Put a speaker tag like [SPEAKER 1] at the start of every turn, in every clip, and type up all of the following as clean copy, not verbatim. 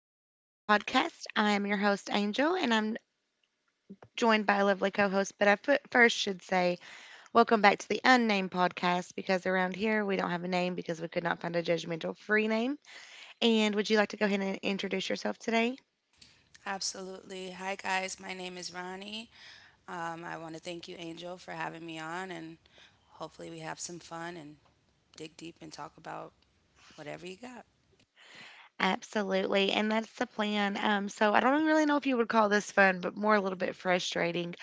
[SPEAKER 1] the Unnamed Podcast. I am your host, Angel, and I'm joined by a lovely co host. But I first should say, welcome back to the Unnamed Podcast because around here we don't have a name because we could not find a judgmental free name. And would you like to go ahead and introduce yourself today?
[SPEAKER 2] Absolutely. Hi, guys. My name is Ronnie. I want to thank you, Angel, for having me on, and hopefully, we have some fun and dig deep and talk about whatever you got.
[SPEAKER 1] Absolutely, and that's the plan. So I don't really know if you would call this fun, but more a little bit frustrating.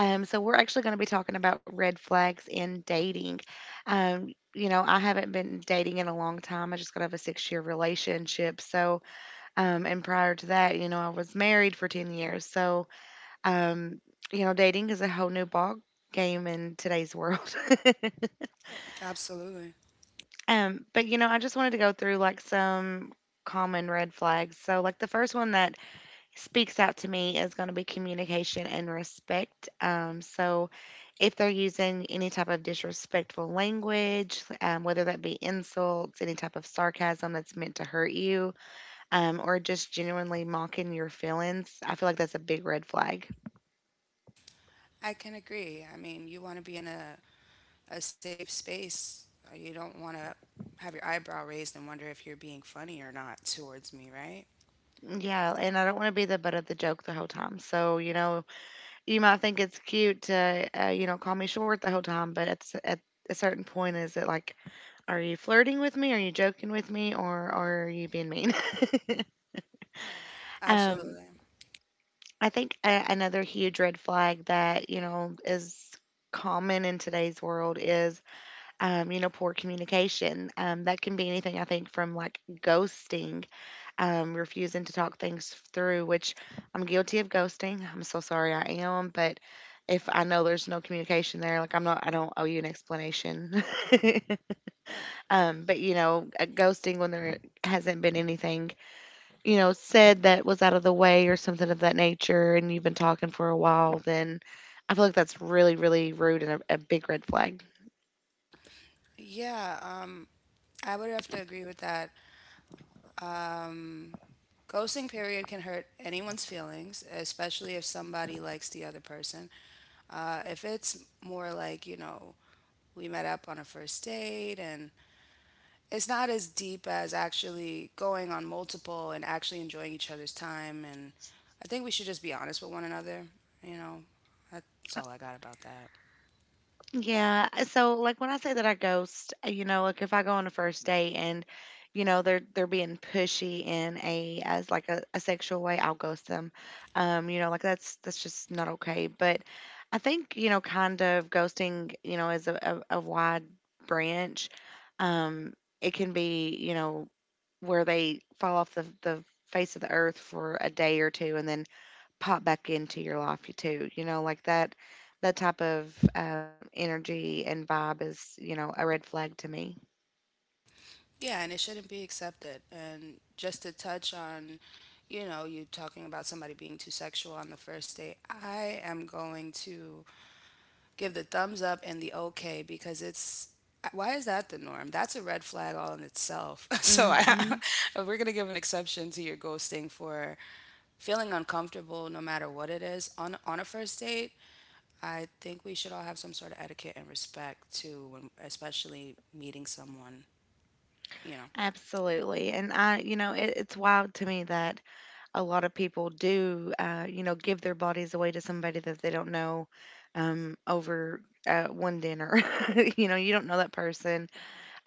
[SPEAKER 1] So we're actually going to be talking about red flags in dating. Um, I haven't been dating in a long time. I just got out of a 6-year relationship. So, and prior to that, I was married for 10 years. So, um, dating is a whole new ball game in today's world.
[SPEAKER 2] Absolutely.
[SPEAKER 1] But, I just wanted to go through like some common red flags. So, like the first one that speaks out to me is going to be communication and respect. If they're using any type of disrespectful language, whether that be insults, any type of sarcasm that's meant to hurt you, or just genuinely mocking your feelings, I feel like that's a big red flag.
[SPEAKER 2] I can agree. I mean, you want to be in a safe space. You don't want to have your eyebrow raised and wonder if you're being funny or not towards me, right?
[SPEAKER 1] Yeah, and I don't want to be the butt of the joke the whole time. So, you might think it's cute to, call me short the whole time, but at a certain point, is it like, are you flirting with me? Are you joking with me? Or are you being mean? um,
[SPEAKER 2] Absolutely.
[SPEAKER 1] I think another huge red flag that, is common in today's world is, poor communication. That can be anything, I think, from like ghosting, refusing to talk things through, which I'm guilty of ghosting. I'm so sorry I am. But if I know there's no communication there, like I don't owe you an explanation. But ghosting when there hasn't been anything, said that was out of the way or something of that nature, and you've been talking for a while, then I feel like that's really, really rude and a big red flag.
[SPEAKER 2] Yeah, I would have to agree with that. Um, Ghosting period can hurt anyone's feelings, especially if somebody likes the other person. If it's more like, you know, we met up on a first date and it's not as deep as actually going on multiple and actually enjoying each other's time. And I think we should just be honest with one another. You know, that's all I got about that.
[SPEAKER 1] Yeah. So like when I say that I ghost, like if I go on a first date and they're being pushy in a as like a sexual way, I'll ghost them. Like that's just not okay. But I think, kind of ghosting, is a wide branch. Um, it can be, where they fall off the face of the earth for a day or two and then pop back into your life you too. You know, like that type of energy and vibe is, a red flag to me.
[SPEAKER 2] Yeah, and it shouldn't be accepted. And just to touch on, you know, you talking about somebody being too sexual on the first date, I am going to give the thumbs up and the okay because it's why is that the norm? That's a red flag all in itself. So I,
[SPEAKER 1] Mhm.
[SPEAKER 2] if we're gonna give an exception to your ghosting for feeling uncomfortable, no matter what it is, on a first date, I think we should all have some sort of etiquette and respect too, when especially meeting someone. You know.
[SPEAKER 1] Absolutely. And I, it's wild to me that a lot of people do, give their bodies away to somebody that they don't know over one dinner. You don't know that person.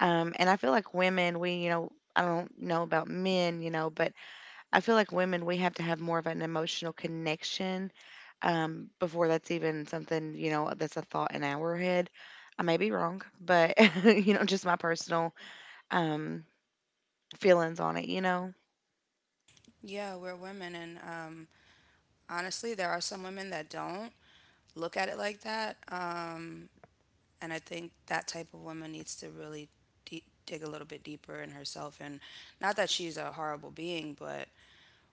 [SPEAKER 1] And I feel like women, we, I don't know about men, but I feel like women, we have to have more of an emotional connection before that's even something, that's a thought in our head. I may be wrong, but, just my personal um, feelings on it, you know?
[SPEAKER 2] Yeah, we're women, and honestly, there are some women that don't look at it like that. And I think that type of woman needs to really dig a little bit deeper in herself. And not that she's a horrible being, but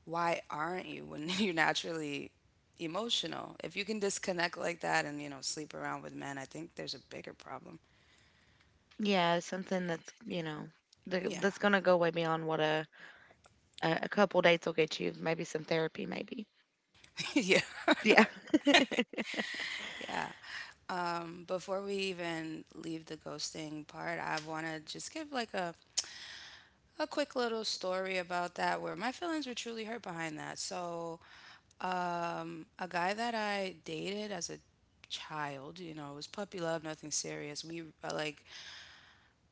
[SPEAKER 2] why aren't you when you're naturally emotional? If you can disconnect like that and, you know, sleep around with men, I think there's a bigger problem.
[SPEAKER 1] Yeah, something that's, th-
[SPEAKER 2] Yeah,
[SPEAKER 1] that's going to go way beyond what a couple dates will get you. Maybe some therapy, maybe.
[SPEAKER 2] yeah,
[SPEAKER 1] Yeah.
[SPEAKER 2] yeah. Before we even leave the ghosting part, I want to just give like a quick little story about that where my feelings were truly hurt behind that. So, a guy that I dated as a child, you know, it was puppy love, nothing serious. We like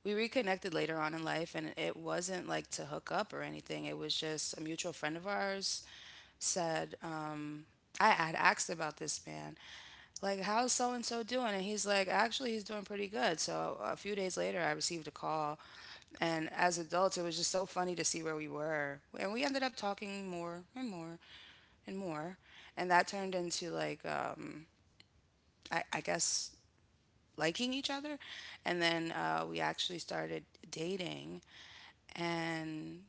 [SPEAKER 2] we reconnected later on in life, and it wasn't like to hook up or anything. It was just a mutual friend of ours said, I had asked about this man, like how's so and so doing, and he's like, actually, he's doing pretty good. So a few days later, I received a call, and as adults, it was just so funny to see where we were, and we ended up talking more and more and more, and that turned into like I guess liking each other, and then we actually started dating. And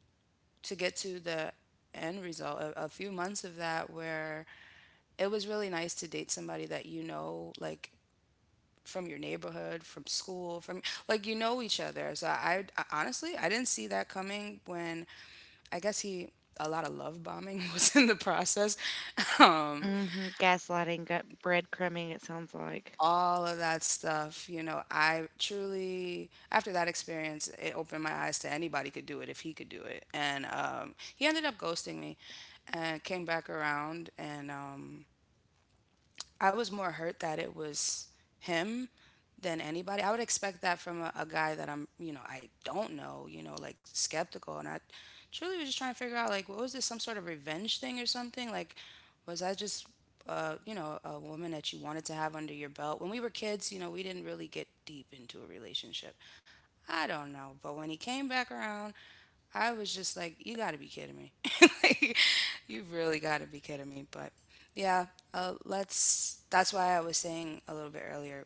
[SPEAKER 2] to get to the end result, a few months of that where it was really nice to date somebody that you know, like from your neighborhood, from school, from like you know each other. So I honestly, I didn't see that coming when I guess he, a lot of love bombing was in the process. Um
[SPEAKER 1] gaslighting, gut breadcrumbing, it sounds like.
[SPEAKER 2] all of that stuff, you know, I truly, after that experience, it opened my eyes to anybody could do it if he could do it. And he ended up ghosting me and came back around, and I was more hurt that it was him than anybody. I would expect that from a guy that I'm, you know, I don't know, you know, like skeptical. And I truly was just trying to figure out, like, what was this, some sort of revenge thing or something? Like, was I just, you know, a woman that you wanted to have under your belt? When we were kids, you know, we didn't really get deep into a relationship. I don't know. But when he came back around, I was just like, you got to be kidding me. Like, you really got to be kidding me. But yeah, let's. That's why I was saying a little bit earlier.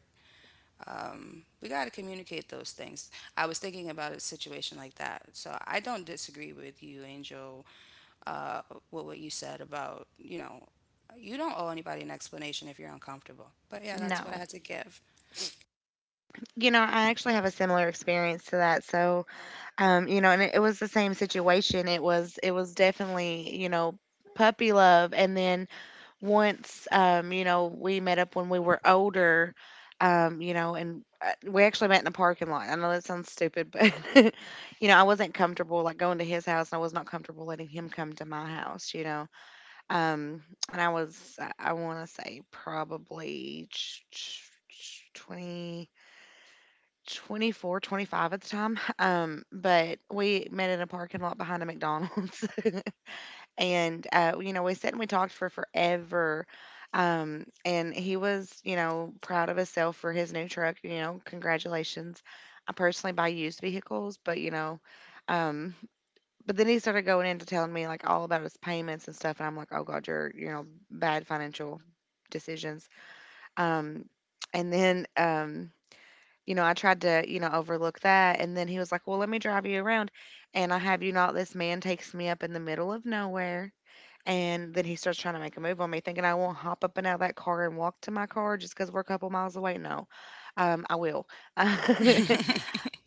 [SPEAKER 2] We got to communicate those things. I was thinking about a situation like that. So I don't disagree with you, Angel, uh, with what you said about, you know, you don't owe anybody an explanation if you're uncomfortable. But yeah, that's what I
[SPEAKER 1] No.
[SPEAKER 2] had to give.
[SPEAKER 1] You know, I actually have a similar experience to that. So, and it was the same situation. It was definitely, puppy love. And then once we met up when we were older, and we actually met in a parking lot. I know that sounds stupid, but I wasn't comfortable like going to his house, and I was not comfortable letting him come to my house, you know. Um, and I was I want to say probably 20 24, 25 at the time. But we met in a parking lot behind a McDonald's. And, we sat and we talked for forever. And he was, proud of himself for his new truck. You know, congratulations. I personally buy used vehicles, but, um, but then he started going into telling me like all about his payments and stuff. And I'm like, oh God, you're, bad financial decisions. Um, and then, I tried to, overlook that, and then he was like, "Well, let me drive you around." And I have you not, this man takes me up in the middle of nowhere, and then he starts trying to make a move on me, thinking I won't hop up and out of that car and walk to my car just because 'cause we're a couple miles away. No, I will.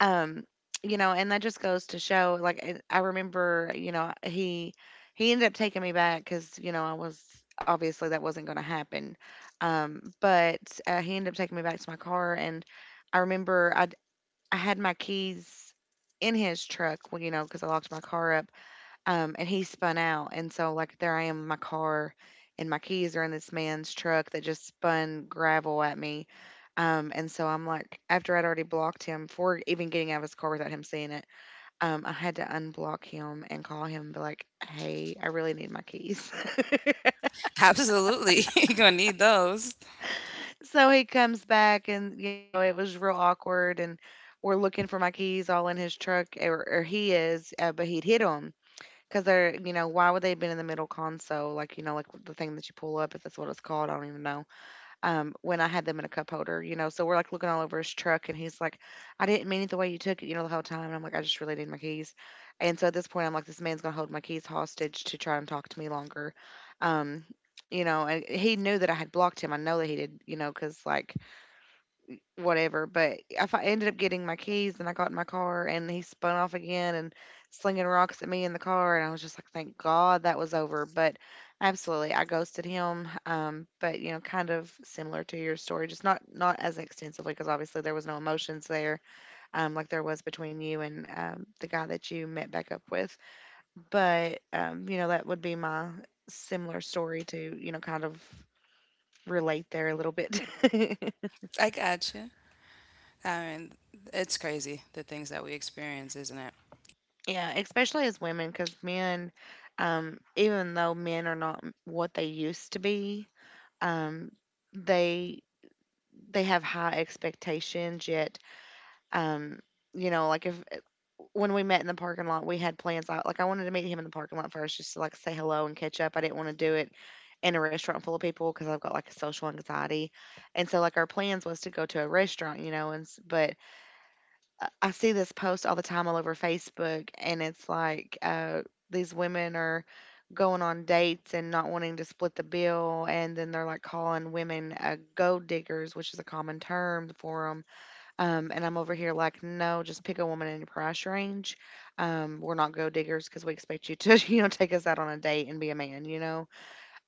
[SPEAKER 1] um, and that just goes to show, like, and I remember, he ended up taking me back because, I was obviously that wasn't going to happen. But he ended up taking me back to my car, and I remember I had my keys in his truck, well, because I locked my car up, and he spun out. And so, like, there I am in my car, and my keys are in this man's truck that just spun gravel at me. And so I'm like, after I'd already blocked him for even getting out of his car without him seeing it, I had to unblock him and call him and be like, hey, I really need my keys.
[SPEAKER 2] Absolutely. You're going to need those.
[SPEAKER 1] So he comes back, and, it was real awkward. And we're looking for my keys all in his truck, or he is, but he'd hit 'em. 'Cause they're why would they have been in the middle console? Like, the thing that you pull up, if that's what it's called, I don't even know, when I had them in a cup holder, so we're, like, looking all over his truck, and he's like, "I didn't mean it the way you took it," the whole time, and I'm like, "I just really need my keys." And so at this point, I'm like, "This man's gonna hold my keys hostage to try and talk to me longer." Um, and he knew that I had blocked him, I know that he did, cause like, whatever. But if I ended up getting my keys and I got in my car and he spun off again and slinging rocks at me in the car, and I was just like, thank God that was over. But absolutely, I ghosted him. But kind of similar to your story, just not as extensively because obviously there was no emotions there, like there was between you and the guy that you met back up with. But that would be my similar story to kind of relate there a little bit.
[SPEAKER 2] I got you. I mean, it's crazy the things that we experience, isn't it?
[SPEAKER 1] Yeah, especially as women, because men, even though men are not what they used to be, um, they they have high expectations. Yet, um, like if when we met in the parking lot, we had plans. Like, I wanted to meet him in the parking lot first, just to like say hello and catch up. I didn't want to do it in a restaurant full of people because I've got like a social anxiety, and so like our plans was to go to a restaurant, and but I see this post all the time all over Facebook, and it's like these women are going on dates and not wanting to split the bill, and then they're like calling women gold diggers, which is a common term for them. And I'm over here like, no, just pick a woman in your price range. We're not gold diggers because we expect you to, take us out on a date and be a man, you know.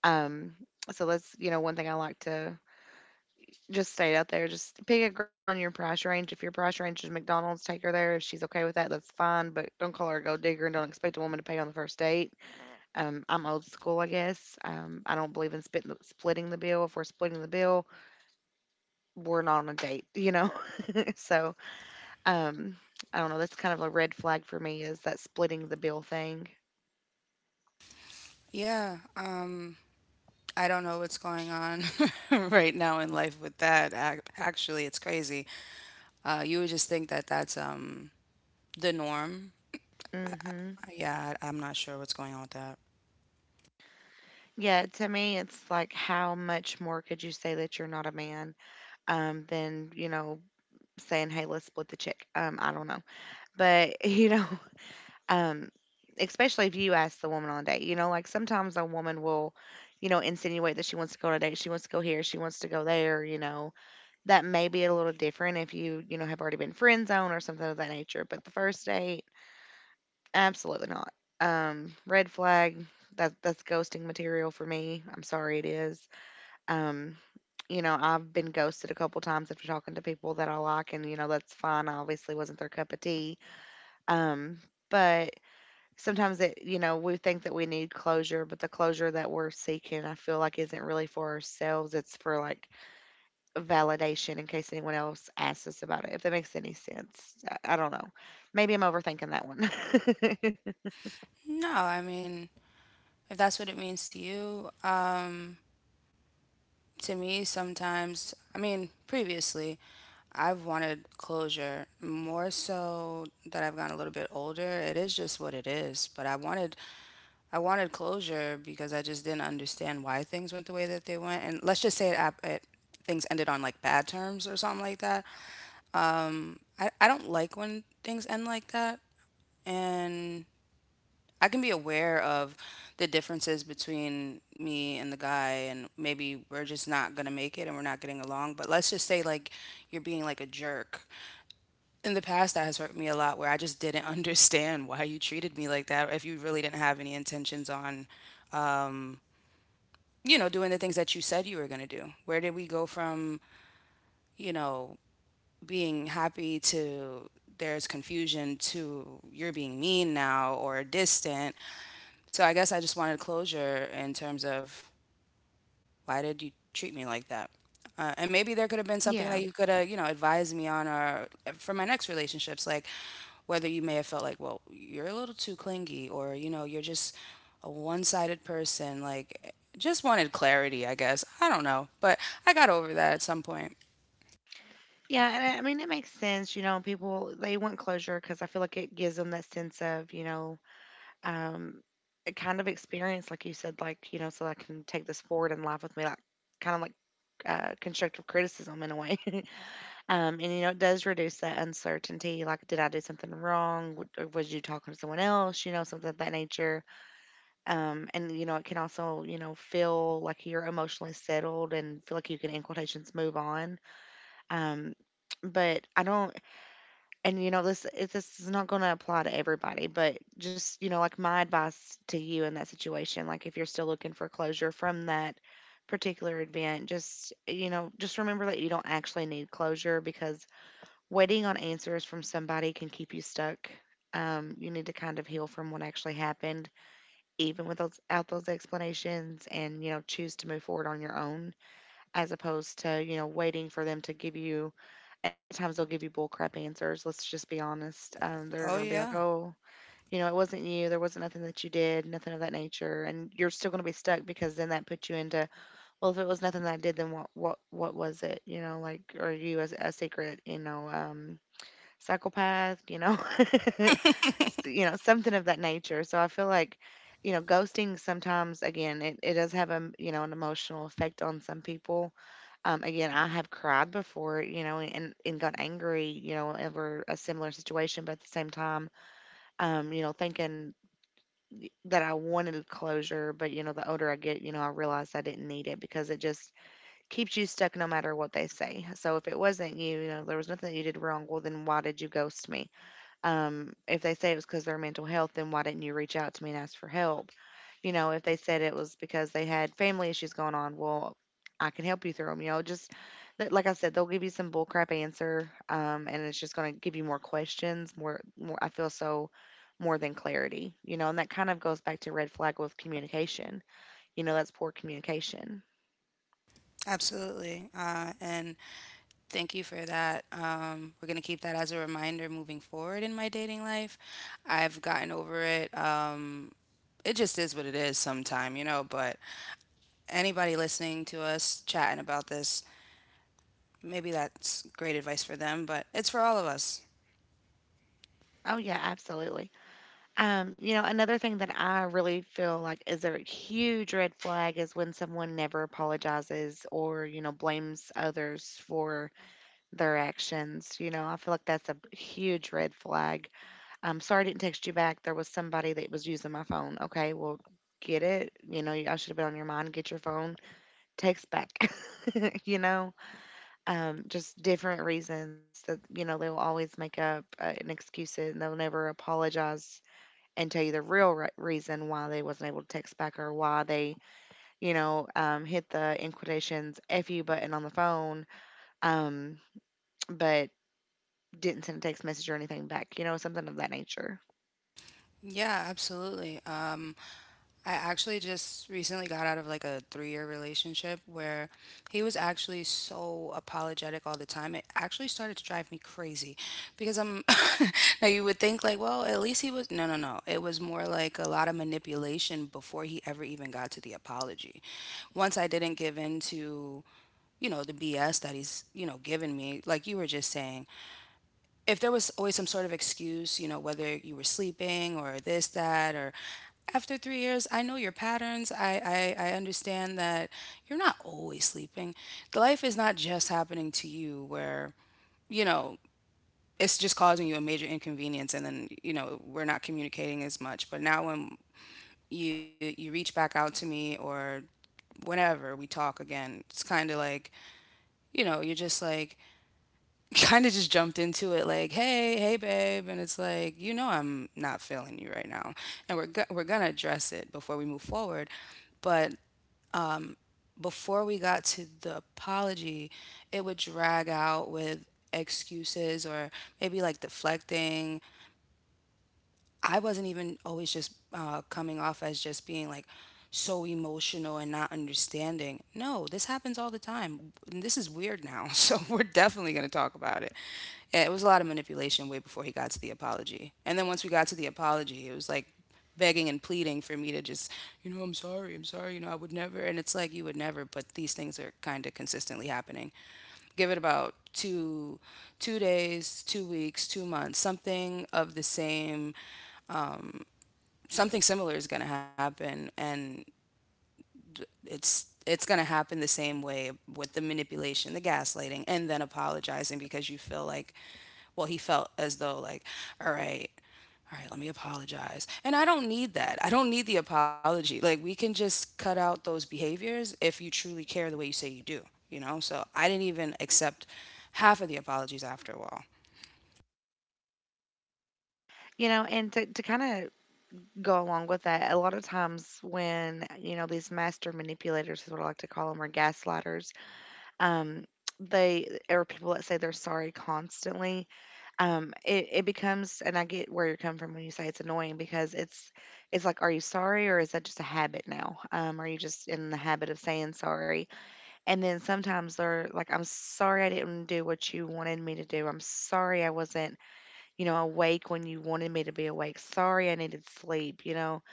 [SPEAKER 1] Um, so that's one thing I like to just stay out there. Just pick a girl in your price range. If your price range is McDonald's, take her there. If she's okay with that, that's fine. But don't call her a gold digger and don't expect a woman to pay on the first date. I'm old school, I guess. I don't believe in splitting the bill. If we're splitting the bill, we're not on a date, you know? so um, I don't know. That's kind of a red flag for me is that splitting the bill thing.
[SPEAKER 2] Yeah, I don't know what's going on right now in life with that. Actually, it's crazy. You would just think that that's the norm.
[SPEAKER 1] Mm hmm
[SPEAKER 2] Yeah, I'm not sure what's going on with that.
[SPEAKER 1] Yeah, to me, it's like how much more could you say that you're not a man, than you know saying, "Hey, let's split the check." I don't know, but um, especially if you ask the woman on a date, you know, like sometimes a woman will, you know, insinuate that she wants to go on a date, she wants to go here, she wants to go there. You know, that may be a little different if you, you know, have already been friend zone or something of that nature. But the first date, absolutely not. Red flag. That's ghosting material for me. I'm sorry, it is. Um, you know, I've been ghosted a couple times after talking to people that I like, and you know, that's fine. I obviously wasn't their cup of tea. Um, but sometimes we think that we need closure, but the closure that we're seeking, I feel like, isn't really for ourselves. It's for like validation in case anyone else asks us about it, if that makes any sense. I don't know. Maybe I'm overthinking that one.
[SPEAKER 2] No, I mean, if that's what it means to you, to me, sometimes, I mean, previously, I've wanted closure more so that I've gotten a little bit older. It is just what it is, but I wanted closure because I just didn't understand why things went the way that they went. And let's just say it, things ended on like bad terms or something like that. I don't like when things end like that. And I can be aware of the differences between me and the guy, and maybe we're just not going to make it and we're not getting along. But let's just say, like, you're being like a jerk. In the past, that has hurt me a lot where I just didn't understand why you treated me like that, or if you really didn't have any intentions on um, you know, doing the things that you said you were going to do? Where did we go from, you know, being happy to there's confusion to you're being mean now or distant? So I guess I just wanted closure in terms of why did you treat me like that? And maybe there could have been something
[SPEAKER 1] Yeah.
[SPEAKER 2] that you could have, you know, advised me on, or for my next relationships. Like, whether you may have felt like, well, you're a little too clingy or, you know, you're just a one sided person. Like, just wanted clarity, I guess. I don't know. But I got over that at some point.
[SPEAKER 1] Yeah. And I mean, it makes sense. You know, people, they want closure because I feel like it gives them that sense of, um, a kind of experience, like you said, like, you know, so I can take this forward in life with me, like kind of like constructive criticism in a way. And, you know, it does reduce that uncertainty. Like, did I do something wrong? W- or Was you talking to someone else? You know, something of that nature. And, you know, it can also, you know, feel like you're emotionally settled and feel like you can, in quotations, move on. Um, but I don't, and you know this is not going to apply to everybody, but just you know like my advice to you in that situation, like if you're still looking for closure from that particular event, just you know just remember that you don't actually need closure because waiting on answers from somebody can keep you stuck. You need to kind of heal from what actually happened even without those explanations, and you know choose to move forward on your own as opposed to, you know, waiting for them to give you. And a lot of times they'll give you bull crap answers. Let's just be honest. They're
[SPEAKER 2] Oh,
[SPEAKER 1] going to be like,
[SPEAKER 2] yeah.
[SPEAKER 1] oh, you know, it wasn't you. There wasn't nothing that you did, nothing of that nature. And you're still going to be stuck because then that puts you into, well, if it was nothing that I did, then what was it? You know, like, are you a secret, psychopath, you know, you know, something of that nature. So I feel like, you know, ghosting sometimes, again, it does have a, you know, an emotional effect on some people. Again, I have cried before, you know, and got angry, you know, over a similar situation, but at the same time, you know, thinking that I wanted closure, but you know, the older I get, you know, I realized I didn't need it because it just keeps you stuck no matter what they say. So if it wasn't you, you know, there was nothing that you did wrong, well then why did you ghost me? If they said it was because their mental health, then why didn't you reach out to me and ask for help? You know, if they said it was because they had family issues going on, well, I can help you through them. You know, just like I said, they'll give you some bullcrap answer, and it's just going to give you more questions, more, more. I feel so more than clarity, you know, and that kind of goes back to red flag with communication. You know, that's poor communication.
[SPEAKER 2] Absolutely. And thank you for that. We're going to keep that as a reminder moving forward in my dating life. I've gotten over it. It just is what it is sometime, you know. But anybody listening to us chatting about this, maybe that's great advice for them, but it's for all of us.
[SPEAKER 1] Oh yeah, absolutely. You know, another thing that I really feel like is a huge red flag is when someone never apologizes or, you know, blames others for their actions. You know, I feel like that's a huge red flag. I'm sorry I didn't text you back. There was somebody that was using my phone. Okay, well, get it. You know, I should have been on your mind. Get your phone. Text back. you know, just different reasons that, you know, they will always make up an excuse, and they'll never apologize and tell you the real reason why they wasn't able to text back or why they, hit the in quotations "fu" button on the phone, um, but didn't send a text message or anything back. You know, something of that nature.
[SPEAKER 2] Yeah, absolutely. I actually just recently got out of like a 3 year relationship where he was actually so apologetic all the time. It actually started to drive me crazy because I'm now you would think like, well, at least he was, no, no, no. It was more like a lot of manipulation before he ever even got to the apology. Once I didn't give in to, you know, the BS that he's, you know, given me, like you were just saying, if there was always some sort of excuse, you know, whether you were sleeping or this, that, or after 3 years, I know your patterns. I understand that you're not always sleeping. The life is not just happening to you where, you know, it's just causing you a major inconvenience, and then, you know, we're not communicating as much. But now when you reach back out to me or whenever we talk again, it's kinda like, you know, you're just like, kind of just jumped into it like, "Hey, hey babe." And it's like, "You know I'm not feeling you right now." And we're going to address it before we move forward. But before we got to the apology, it would drag out with excuses or maybe like deflecting. I wasn't even always just coming off as just being like so emotional and not understanding. No, this happens all the time. And this is weird now. So we're definitely going to talk about it. Yeah, it was a lot of manipulation way before he got to the apology. And then once we got to the apology, it was like begging and pleading for me to just, you know, I'm sorry, you know, I would never. And it's like, you would never, but these things are kind of consistently happening. Give it about 2 days, 2 weeks, 2 months, something of the same. Something similar is going to happen, and it's going to happen the same way, with the manipulation, the gaslighting, and then apologizing because you feel like, well, he felt as though, like, all right, let me apologize. And I don't need that. I don't need the apology. Like, we can just cut out those behaviors if you truly care the way you say you do, you know. So I didn't even accept half of the apologies after a while.
[SPEAKER 1] You know, and to kind of go along with that, a lot of times when you know these master manipulators is what I like to call them, or gaslighters, um, they, or people that say they're sorry constantly, it, it becomes, and I get where you're coming from when you say it's annoying because it's like, are you sorry or is that just a habit now? Are you just in the habit of saying sorry? And then sometimes they're like, I'm sorry I didn't do what you wanted me to do. I'm sorry I wasn't, you know, awake when you wanted me to be awake. Sorry I needed sleep, you know.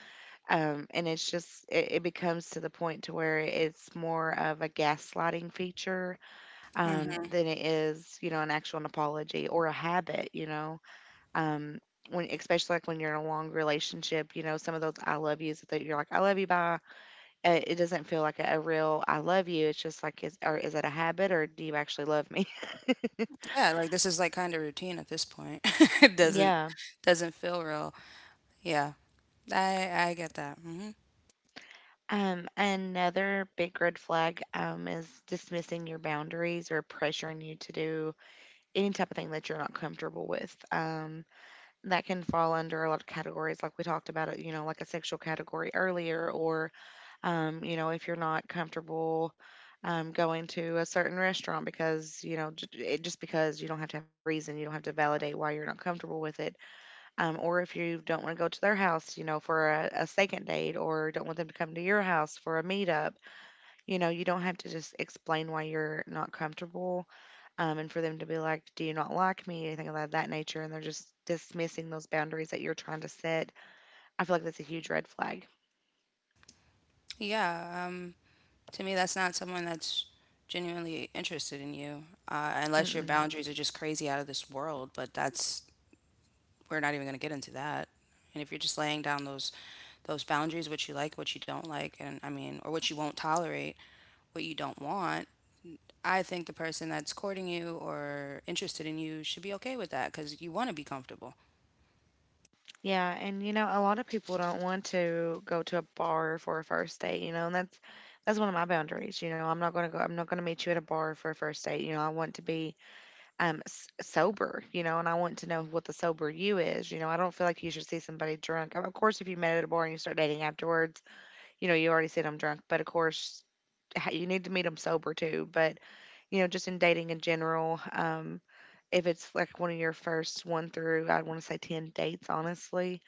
[SPEAKER 1] And it's just it becomes to the point to where it's more of a gaslighting feature,
[SPEAKER 2] Hmm.
[SPEAKER 1] than it is, you know, an actual apology or a habit, you know. Um, when especially like when you're in a long relationship, you know, some of those I love yous that you're like, I love you, bye. It doesn't feel like a real I love you. It's just like, is, or is it a habit or do you actually love me?
[SPEAKER 2] Yeah, like this is, like, kind of routine at this point. It doesn't
[SPEAKER 1] Yeah.
[SPEAKER 2] doesn't feel real. Yeah. I get that. Hmm.
[SPEAKER 1] Another big red flag, is dismissing your boundaries or pressuring you to do any type of thing that you're not comfortable with. That can fall under a lot of categories like we talked about it, you know, like a sexual category earlier, or you know if you're not comfortable, going to a certain restaurant because you know just because you don't have to have a reason, you don't have to validate why you're not comfortable with it. Or if you don't want to go to their house you know for a second date, or don't want them to come to your house for a meetup, you know you don't have to just explain why you're not comfortable. And for them to be like, "Do you not like me?" anything of that nature, and they're just dismissing those boundaries that you're trying to set. I feel like that's a huge red flag.
[SPEAKER 2] Yeah. To me, that's not someone that's genuinely interested in you, unless your
[SPEAKER 1] Mm-mm.
[SPEAKER 2] boundaries are just crazy out of this world. But that's, we're not even going to get into that. And if you're just laying down those boundaries, what you like, what you don't like, and, I mean, or what you won't tolerate, what you don't want, I think the person that's courting you or interested in you should be okay with that because you want to be comfortable.
[SPEAKER 1] Yeah, and you know, a lot of people don't want to go to a bar for a first date. You know, and that's one of my boundaries. You know, I'm not gonna go. I'm not gonna meet you at a bar for a first date. You know, I want to be sober. You know, and I want to know what the sober you is. You know, I don't feel like you should see somebody drunk. Of course, if you met at a bar and you start dating afterwards, you know, you already said I'm drunk, but of course, you need to meet them sober too. But, you know, just in dating in general, if it's like one of your first one through, I want to say 10 dates, honestly,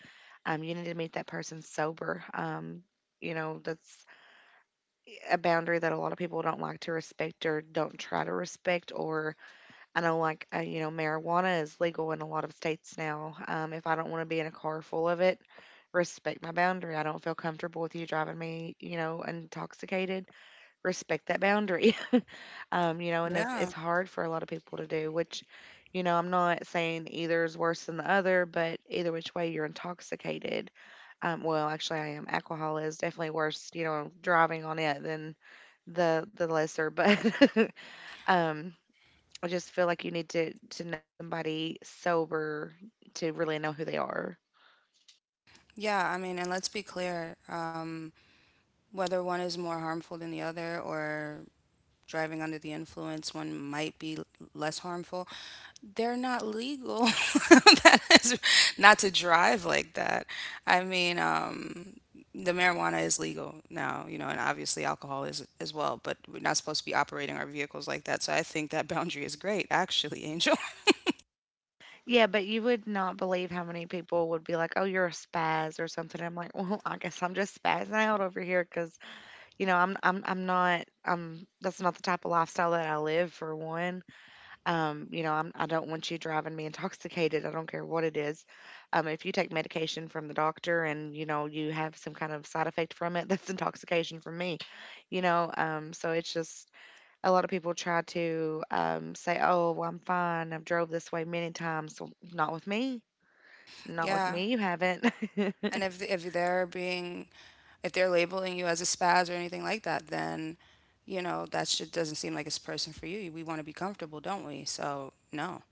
[SPEAKER 1] you need to meet that person sober. You know, that's a boundary that a lot of people don't like to respect or don't try to respect. Or I know, like, you know, marijuana is legal in a lot of states now. If I don't want to be in a car full of it, respect my boundary. I don't feel comfortable with you driving me, you know, intoxicated. Respect that boundary. You know, and
[SPEAKER 2] Yeah.
[SPEAKER 1] it's hard for a lot of people to do, which, you know, I'm not saying either is worse than the other, but either which way you're intoxicated. Well, actually, I am. Alcohol is definitely worse, you know, driving on it than the lesser, but. um I just feel like you need to know somebody sober to really know who they are.
[SPEAKER 2] Yeah. I mean, and let's be clear. Whether one is more harmful than the other, or driving under the influence, one might be less harmful, they're not legal. That is, not to drive like that. I mean, the marijuana is legal now, you know, and obviously alcohol is as well, but we're not supposed to be operating our vehicles like that. So I think that boundary is great, actually, Angel.
[SPEAKER 1] Yeah, but you would not believe how many people would be like, "Oh, you're a spaz" or something. I'm like, "Well, I guess I'm just spazzing out over here because you know I'm not, that's not the type of lifestyle that I live, for one. You know, I don't want you driving me intoxicated. I don't care what it is. If you take medication from the doctor and you know you have some kind of side effect from it, that's intoxication for me. You know, so it's just, a lot of people try to, say, "Oh, well, I'm fine. I've drove this way many times." So, not with me. Not with
[SPEAKER 2] Yeah,
[SPEAKER 1] me. You haven't."
[SPEAKER 2] and if they're being, if they're labeling you as a spaz or anything like that, then you know that shit doesn't seem like it's a person for you. We want to be comfortable, don't we? So no.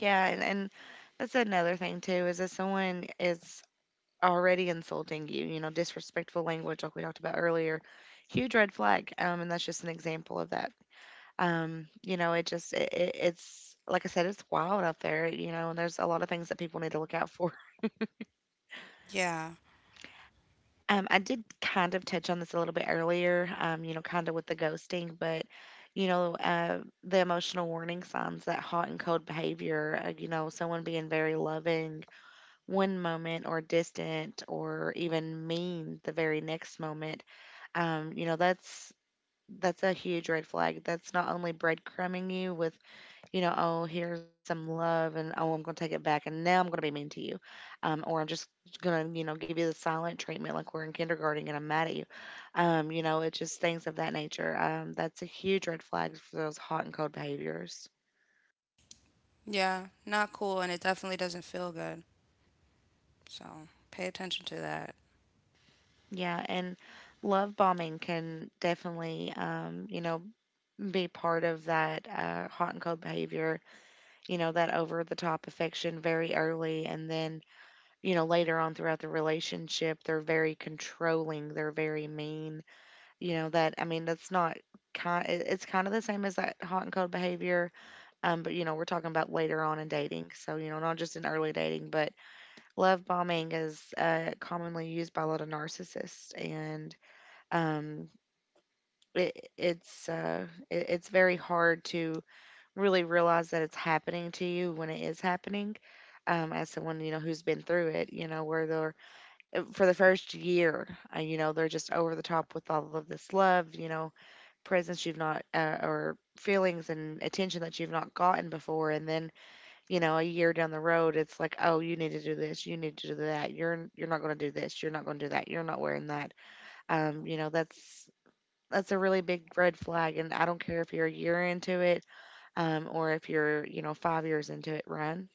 [SPEAKER 1] Yeah, and that's another thing too, is if someone is already insulting you, you know, disrespectful language like we talked about earlier, huge red flag. And that's just an example of that. You know, it just, it's like I said, it's wild out there. You know, and there's a lot of things that people need to look out for.
[SPEAKER 2] Yeah,
[SPEAKER 1] I did kind of touch on this a little bit earlier, you know, kind of with the ghosting, but, you know, the emotional warning signs, that hot and cold behavior, you know, someone being very loving one moment or distant or even mean the very next moment, you know, that's a huge red flag. That's not only breadcrumbing you with, you know, oh, here's some love, and oh, I'm going to take it back, and now I'm going to be mean to you, or I'm just going to, you know, give you the silent treatment like we're in kindergarten and I'm mad at you. You know, it's just things of that nature. That's a huge red flag for those hot and cold behaviors.
[SPEAKER 2] yeah, not cool, and it definitely doesn't feel good. So pay attention to that.
[SPEAKER 1] Yeah, and love bombing can definitely, you know, be part of that hot and cold behavior. You know, that over the top affection very early, and then, you know, later on throughout the relationship, they're very controlling, they're very mean. You know, that I mean, that's not, kind it's kind of the same as that hot and cold behavior. But you know, we're talking about later on in dating. So, you know, not just in early dating, but love bombing is commonly used by a lot of narcissists, and um it's it, it's very hard to really realize that it's happening to you when it is happening, as someone, you know, who's been through it. You know, where they're, for the first year, you know, they're just over the top with all of this love, you know, presence you've not, or feelings and attention that you've not gotten before. And then, you know, a year down the road, it's like, oh, you need to do this, you need to do that, you're not going to do this, you're not going to do that, you're not wearing that. You know, that's a really big red flag, and I don't care if you're a year into it, or if you're, you know, 5 years into it, Ryan.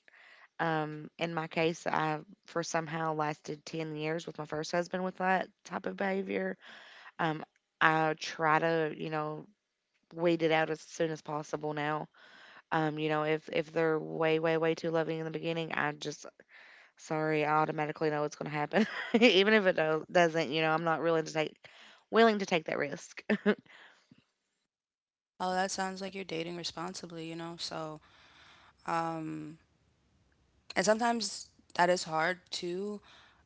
[SPEAKER 1] In my case, I for somehow lasted 10 years with my first husband with that type of behavior. Um, I try to, you know, weed it out as soon as possible now. You know, if they're way, way, way too loving in the beginning, I just, sorry, I automatically know it's going to happen. Even if it doesn't, you know, I'm not willing to take that risk.
[SPEAKER 2] Oh, that sounds like you're dating responsibly, you know. So, um, and sometimes that is hard too.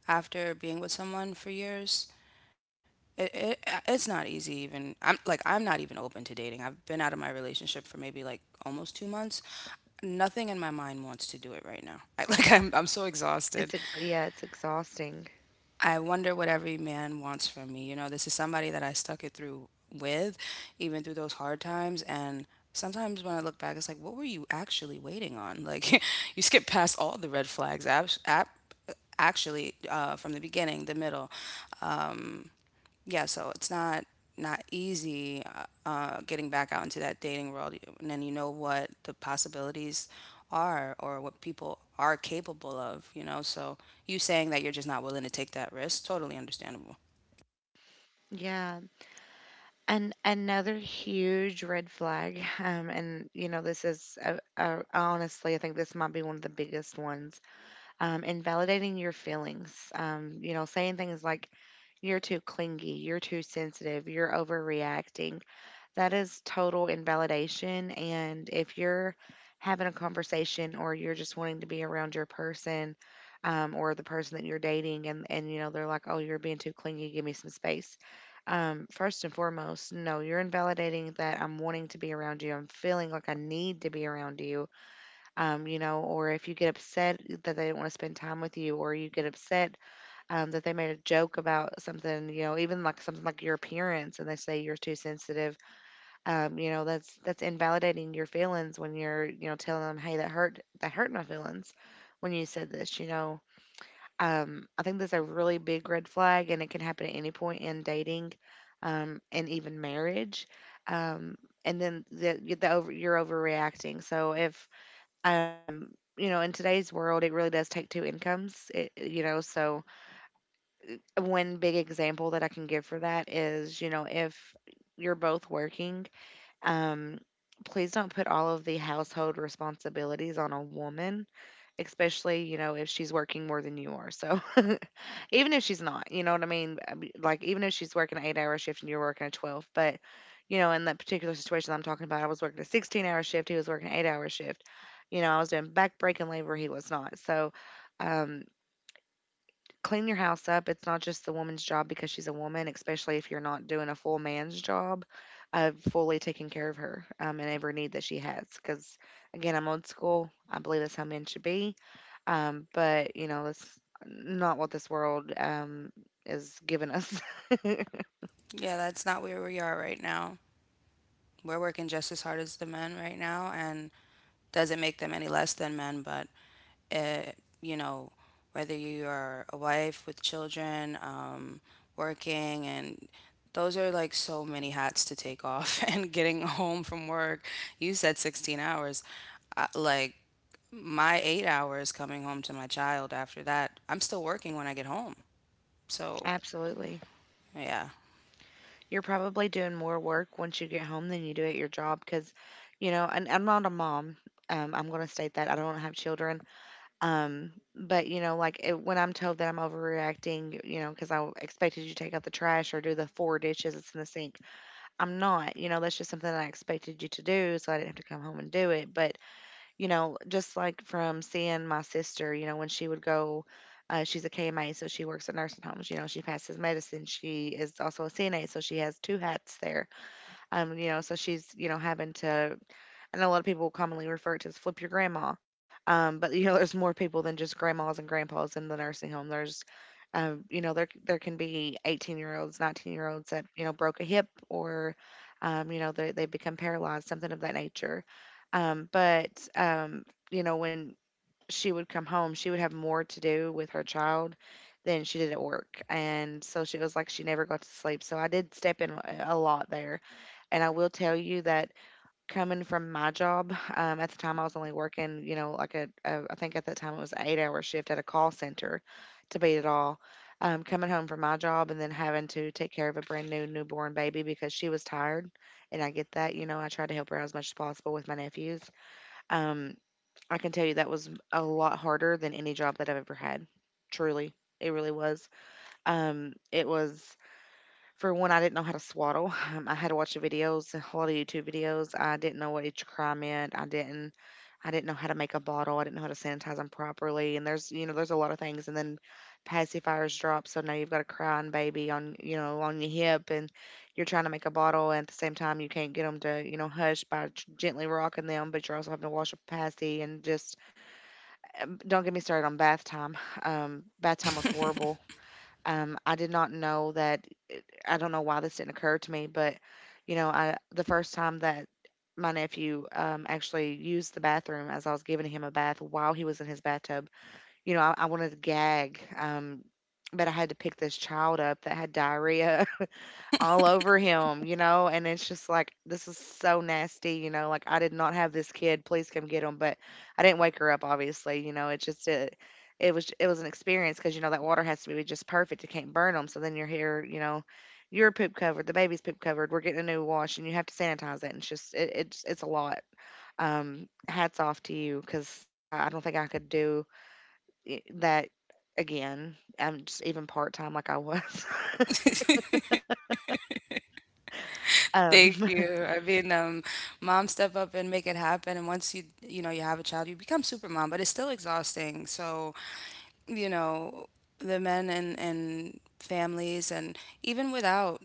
[SPEAKER 2] After being with someone for years, it, it it's not easy. Even I'm like, I'm not even open to dating. I've been out of my relationship for maybe, like, almost 2 months. Nothing in my mind wants to do it right now. Like I'm so exhausted.
[SPEAKER 1] It's yeah, it's exhausting.
[SPEAKER 2] I wonder what every man wants from me. You know, this is somebody that I stuck it through with, even through those hard times. And sometimes when I look back, it's like, what were you actually waiting on? Like, you skip past all the red flags. Actually, from the beginning, the middle, yeah, so it's not easy, getting back out into that dating world, and then you know what the possibilities are or what people are capable of, you know. So you saying that you're just not willing to take that risk, totally understandable.
[SPEAKER 1] Yeah, and another huge red flag, and you know, this is, honestly, I think this might be one of the biggest ones. Invalidating your feelings. You know, saying things like, "You're too clingy," "You're too sensitive," "You're overreacting." That is total invalidation. And if you're having a conversation or you're just wanting to be around your person, or the person that you're dating, and you know, they're like, oh, you're being too clingy, give me some space. First and foremost, no, you're invalidating that I'm wanting to be around you. I'm feeling like I need to be around you. You know, or if you get upset that they don't want to spend time with you, or you get upset, that they made a joke about something, you know, even like something like your appearance, and they say you're too sensitive, you know, that's invalidating your feelings when you're, you know, telling them, "Hey, that hurt my feelings when you said this," you know. I think that's a really big red flag, and it can happen at any point in dating, and even marriage. Um, and then you're overreacting. So if, um you know, in today's world, it really does take two incomes. It, you know, so one big example that I can give for that is, you know, if you're both working, um, please don't put all of the household responsibilities on a woman, especially, you know, if she's working more than you are. So, even if she's not, you know what I mean? I mean, like, even if she's working an 8 hour shift and you're working a 12, but, you know, in that particular situation I'm talking about, I was working a 16-hour shift, he was working an 8 hour shift. You know, I was doing back breaking labor, he was not. So, um, clean your house up. It's not just the woman's job because she's a woman, especially if you're not doing a full man's job of fully taking care of her, and every need that she has. Because, again, I'm old school. I believe that's how men should be. But, you know, that's not what this world, is giving us.
[SPEAKER 2] Yeah, that's not where we are right now. We're working just as hard as the men right now, and doesn't make them any less than men, but, uh, you know, whether you are a wife with children, working, and those are, like, so many hats to take off. And getting home from work, you said 16 hours. Like my 8 hours coming home to my child after that, I'm still working when I get home. So,
[SPEAKER 1] Absolutely.
[SPEAKER 2] yeah.
[SPEAKER 1] You're probably doing more work once you get home than you do at your job because, you know, and I'm not a mom. I'm going to state that I don't have children. But you know, when I'm told that I'm overreacting, you know, because I expected you to take out the trash or do the four dishes that's in the sink, I'm not. You know, that's just something that I expected you to do, so I didn't have to come home and do it. But you know, just like from seeing my sister, you know, when she would go. She's a KMA, so she works at nursing homes. You know, she passes medicine. She is also a CNA, so she has two hats there. You know, so she's, you know, having to, and a lot of people commonly refer to as flip your grandma. But you know, there's more people than just grandmas and grandpas in the nursing home. There's, you know, there can be 18-year-olds, 19-year-olds that you know broke a hip, or, you know, they become paralyzed, something of that nature. But, you know, when she would come home, she would have more to do with her child than she did at work, and so she was like she never got to sleep. So I did step in a lot there, and I will tell you that coming from my job, at the time I was only working, you know, like, a, I think at that time it was an 8 hour shift at a call center, to beat it all. Coming home from my job and then having to take care of a brand new newborn baby because she was tired. And I get that, you know, I tried to help her out as much as possible with my nephews. Um, I can tell you that was a lot harder than any job that I've ever had. Truly. It really was. It was, for one, I didn't know how to swaddle. I had to watch the videos, a lot of YouTube videos. I didn't know what each cry meant. I didn't. I didn't know how to make a bottle. I didn't know how to sanitize them properly. And there's, you know, there's a lot of things. And then pacifiers drop, so now you've got a crying baby on, you know, on your hip, and you're trying to make a bottle, and at the same time you can't get them to, you know, hush by gently rocking them, but you're also having to wash a passy and just. Don't get me started on bath time. Bath time was horrible. I did not know that I don't know why this didn't occur to me, but I the first time that my nephew actually used the bathroom as I was giving him a bath while he was in his bathtub, I wanted to gag, but I had to pick this child up that had diarrhea all over him, you know. And it's just like this is so nasty, you know. Like I did not have this kid, please come get him, but I didn't wake her up obviously, you know. It was an experience because you know that water has to be just perfect, you can't burn them. So then you're here, you know, your poop covered, the baby's poop covered, we're getting a new wash and you have to sanitize it and it's just it, it's a lot. Hats off to you cuz I don't think I could do that again. I'm just even part time like I was.
[SPEAKER 2] Thank
[SPEAKER 1] um
[SPEAKER 2] you. I mean, mom step up and make it happen. And once you, you know, you have a child, you become super mom, but it's still exhausting. So, you know, the men and families, and even without,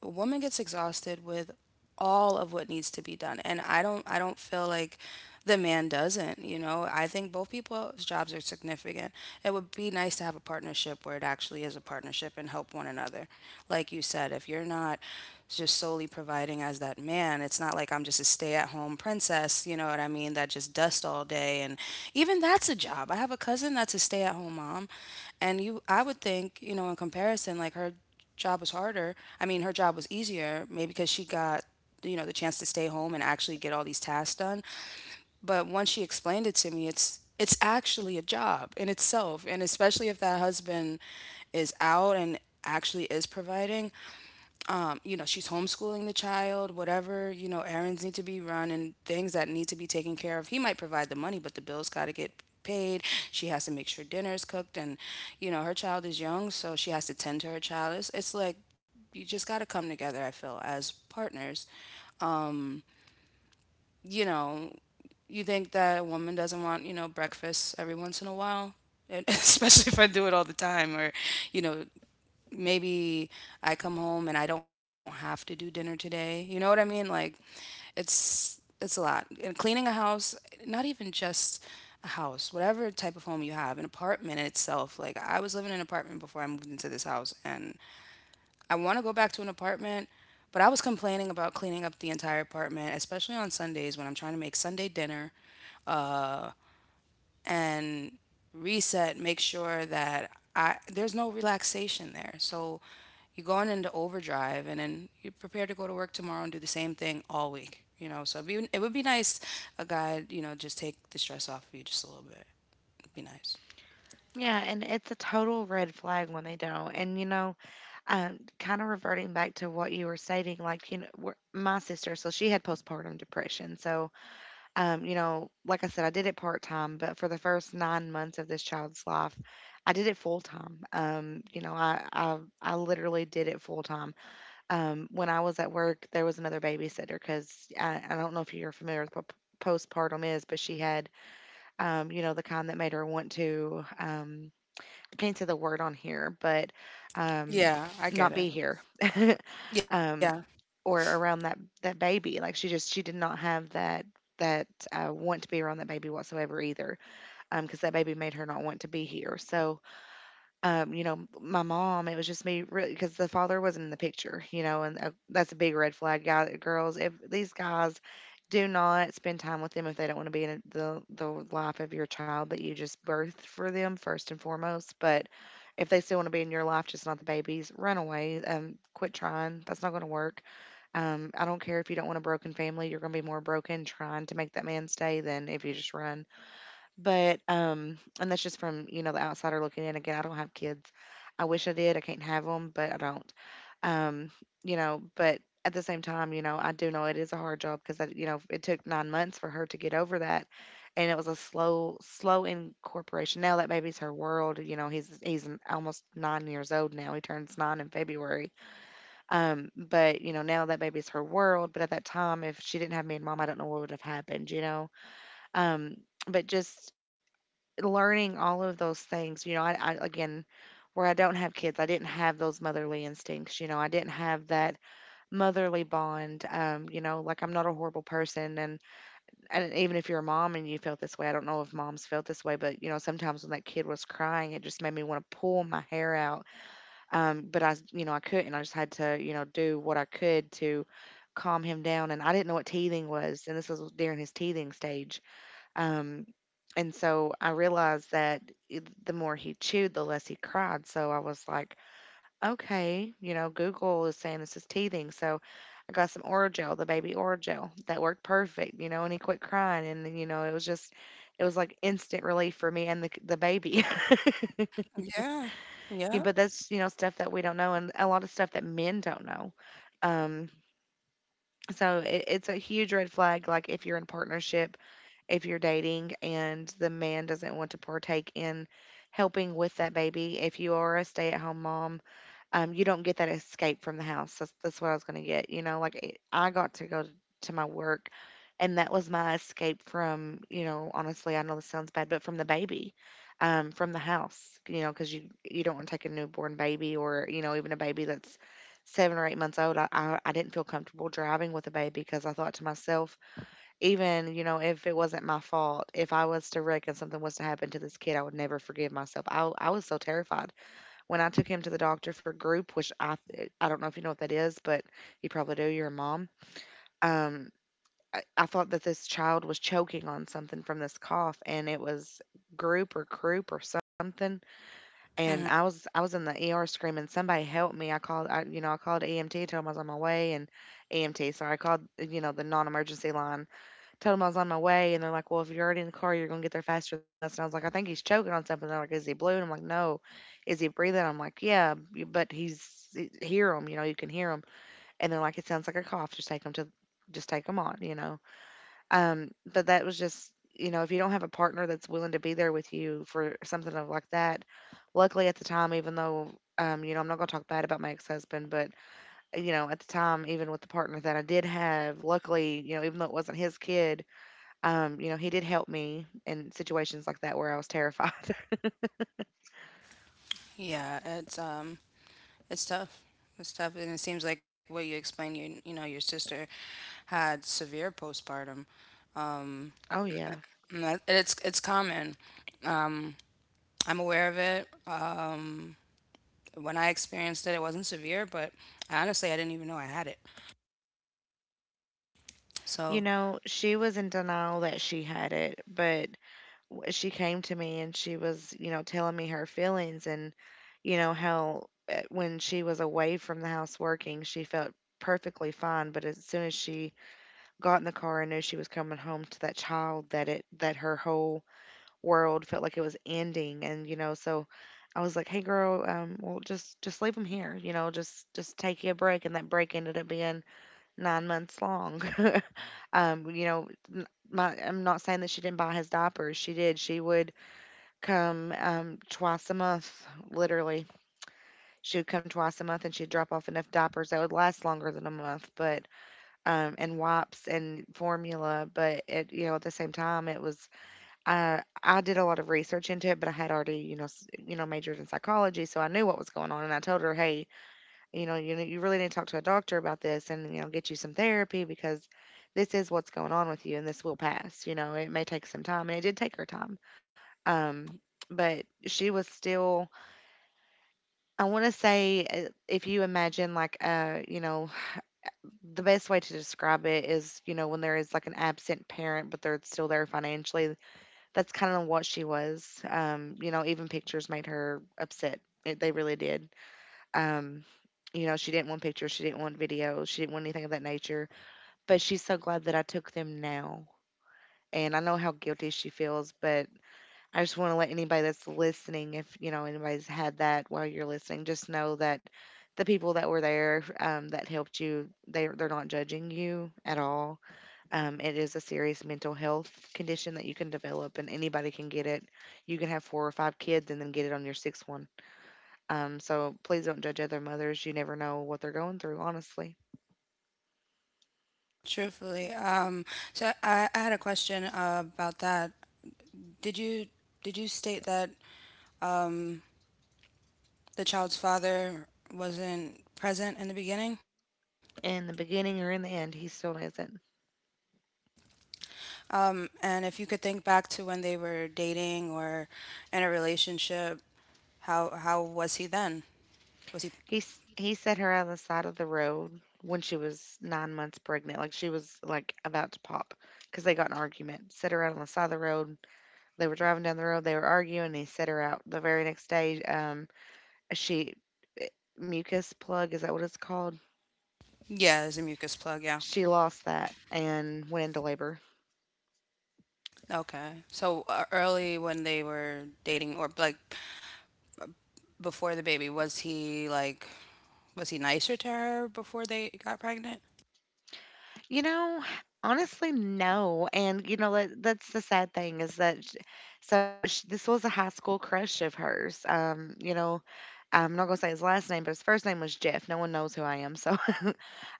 [SPEAKER 2] a woman gets exhausted with all of what needs to be done. And I don't feel like the man doesn't, you know. I think both people's jobs are significant. It would be nice to have a partnership where it actually is a partnership and help one another. Like you said, if you're not just solely providing as that man. It's not like I'm just a stay at home princess, you know what I mean, that just dust all day, and even that's a job. I have a cousin that's a stay at home mom, and you I would think, you know, in comparison, like, her job was harder. I mean, her job was easier maybe because she got, you know, the chance to stay home and actually get all these tasks done, but once she explained it to me, it's actually a job in itself, and especially if that husband is out and actually is providing. You know, she's homeschooling the child, whatever, you know, errands need to be run and things that need to be taken care of. He might provide the money, but the bills got to get paid. She has to make sure dinner's cooked. And, you know, her child is young, so she has to tend to her child. It's like you just got to come together, I feel, as partners. You know, you think that a woman doesn't want, you know, breakfast every once in a while? And especially if I do it all the time, or, you know, maybe I come home and I don't have to do dinner today. You know what I mean? Like, it's a lot. And cleaning a house, not even just a house, whatever type of home you have, an apartment in itself. Like, I was living in an apartment before I moved into this house, and I want to go back to an apartment, but I was complaining about cleaning up the entire apartment, especially on Sundays when I'm trying to make Sunday dinner, uh, and reset, make sure that, I there's no relaxation there. So you're going into overdrive, and then you're prepared to go to work tomorrow and do the same thing all week. You know, so it would be nice a guide, you know, just take the stress off of you just a little bit. It'd be nice.
[SPEAKER 1] Yeah, and it's a total red flag when they don't. And you know, kind of reverting back to what you were stating, like you know, my sister, so she had postpartum depression. So, you know, like I said, I did it part time, but for the first 9 months of this child's life, I did it full time. You know, I literally did it full time. When I was at work, there was another babysitter because I don't know if you're familiar with what postpartum is, but she had, you know, the kind that made her want to. Depending to the word on here, but um,
[SPEAKER 2] Yeah, I get
[SPEAKER 1] not
[SPEAKER 2] it.
[SPEAKER 1] be here,
[SPEAKER 2] Yeah.
[SPEAKER 1] um, or around that baby. Like she did not have that want to be around that baby whatsoever either, because that baby made her not want to be here. So you know, my mom, it was just me really because the father wasn't in the picture, you know. And that's a big red flag, guy, girls. If these guys do not spend time with them, if they don't want to be in the life of your child that you just birthed for them first and foremost, but if they still want to be in your life, just not the babies, run away. Quit trying. That's not going to work. I don't care if you don't want a broken family. You're going to be more broken trying to make that man stay than if you just run. But, and that's just from, you know, the outsider looking in. Again, I don't have kids. I wish I did. I can't have them, but I don't. Um, you know, but at the same time, you know, I do know it is a hard job because, you know, it took 9 months for her to get over that. And it was a slow, slow incorporation. Now that baby's her world. You know, almost 9 years old now. He turns 9 in February. But you know, now that baby's her world. But at that time, if she didn't have me and mom, I don't know what would have happened. You know, um, but just learning all of those things, you know, I again, where I don't have kids, I didn't have those motherly instincts. You know, I didn't have that motherly bond. You know, like I'm not a horrible person, and even if you're a mom and you felt this way, I don't know if moms felt this way, but you know, sometimes when that kid was crying, it just made me want to pull my hair out. But you know, I couldn't. I just had to, you know, do what I could to calm him down. And I didn't know what teething was, and this was during his teething stage, um, and so I realized that the more he chewed, the less he cried. So I was like, okay, you know, Google is saying this is teething. So I got some Orajel, the baby Orajel, that worked perfect, you know, and he quit crying. And then, you know, it was just, it was like instant relief for me and the baby.
[SPEAKER 2] Yeah.
[SPEAKER 1] Yeah,
[SPEAKER 2] Yeah.
[SPEAKER 1] but that's, you know, stuff that we don't know and a lot of stuff that men don't know. Um, so it's a huge red flag. Like if you're in partnership, if you're dating and the man doesn't want to partake in helping with that baby. If you are a stay-at-home mom, you don't get that escape from the house. That's what I was going to get. You know, like I got to go to my work, and that was my escape from, you know, honestly, I know this sounds bad, but from the baby, from the house. You know, because you don't want to take a newborn baby, or you know, even a baby that's 7 or 8 months old. I didn't feel comfortable driving with a baby because I thought to myself even, you know, if it wasn't my fault, if I was to wreck and something was to happen to this kid, I would never forgive myself. I was so terrified when I took him to the doctor for group, which I don't know if you know what that is, but you probably do. You're a mom. Um, I thought that this child was choking on something from this cough, and it was group or croup or something. And
[SPEAKER 2] Hmm.
[SPEAKER 1] I was in the ER screaming, "Somebody help me!" You know, I called EMT, told him I was on my way, and EMT. Sorry, I called, you know, the non-emergency line, told him I was on my way, and they're like, "Well, if you're already in the car, you're gonna get there faster than us." And I was like, "I think he's choking on something." They're like, "Is he blue?" And I'm like, "No." Is he breathing? I'm like, "Yeah, but hear him. You know, you can hear him." And they're like, "It sounds like a cough. Just take him on." You know, but that was just, you know, if you don't have a partner that's willing to be there with you for something of like that, luckily at the time, even though. You know, I'm not gonna talk bad about my ex-husband, but you know, at the time, even with the partner that I did have, luckily, you know, even though it wasn't his kid, you know, he did help me in situations like that where I was terrified.
[SPEAKER 2] Yeah, it's tough. It's tough, and it seems like what you explained, you know, your sister had severe postpartum. um,
[SPEAKER 1] Oh, yeah.
[SPEAKER 2] And and it's common. Um, I'm aware of it. When I experienced it, it wasn't severe, but honestly, I didn't even know I had it.
[SPEAKER 1] You
[SPEAKER 2] So,
[SPEAKER 1] know, she was in denial that she had it, but she came to me and she was, you know, telling me her feelings. And, you know, how when she was away from the house working, she felt perfectly fine, but as soon as she got in the car and knew she was coming home to that child, that it that her whole world felt like it was ending. And you know, so I was like, hey girl, well just leave him here, you know, just take you a break. And that break ended up being 9 months long. You know, n- my I'm not saying that she didn't buy his diapers. She did. She would come twice a month, literally. She would come twice a month and she'd drop off enough diapers that would last longer than a month. But and wipes and formula. But at, you know, at the same time, it was, I did a lot of research into it, but I had already, you know, you know, majored in psychology, so I knew what was going on. And I told her, hey, you know, you really need to talk to a doctor about this, and you know, get you some therapy because this is what's going on with you, and this will pass. You know, it may take some time, and it did take her time. Um, but she was still, I want to say, if you imagine like, you know, the best way to describe it is, you know, when there is like an absent parent, but they're still there financially. That's kind of what she was. You know, even pictures made her upset. They really did. Um, you know, she didn't want pictures. She didn't want videos. She didn't want anything of that nature. But she's so glad that I took them now. And I know how guilty she feels, but I just want to let anybody that's listening, if you know anybody's had that while you're listening, just know that the people that were there that helped you, they're not judging you at all. It is a serious mental health condition that you can develop, and anybody can get it. You can have four or five kids and then get it on your sixth one. So please don't judge other mothers. You never know what they're going through, honestly.
[SPEAKER 2] truthfully, so I had a question, about that. Did you did you state that, um, the child's father wasn't present in the beginning?
[SPEAKER 1] In the beginning or in the end, he still isn't.
[SPEAKER 2] And if you could think back to when they were dating or in a relationship, how was he then? Was he?
[SPEAKER 1] He set her on the side of the road when she was 9 months pregnant, like she was like about to pop, because they got in an argument. Set her out on the side of the road. They were driving down the road. They were arguing, and he set her out. The very next day, she eh, mucus plug, is that what it's called?
[SPEAKER 2] Yeah, as a mucus plug. Yeah.
[SPEAKER 1] She lost that and went into labor.
[SPEAKER 2] Okay. So, early when they were dating, or like before the baby, was he nicer to her before they got pregnant?
[SPEAKER 1] You know, Honestly, no. And you know that that's the sad thing is that sh so sh this was a high school crush of hers. I'm not gonna say his last name, but his first name was Jeff. No one knows who I am, so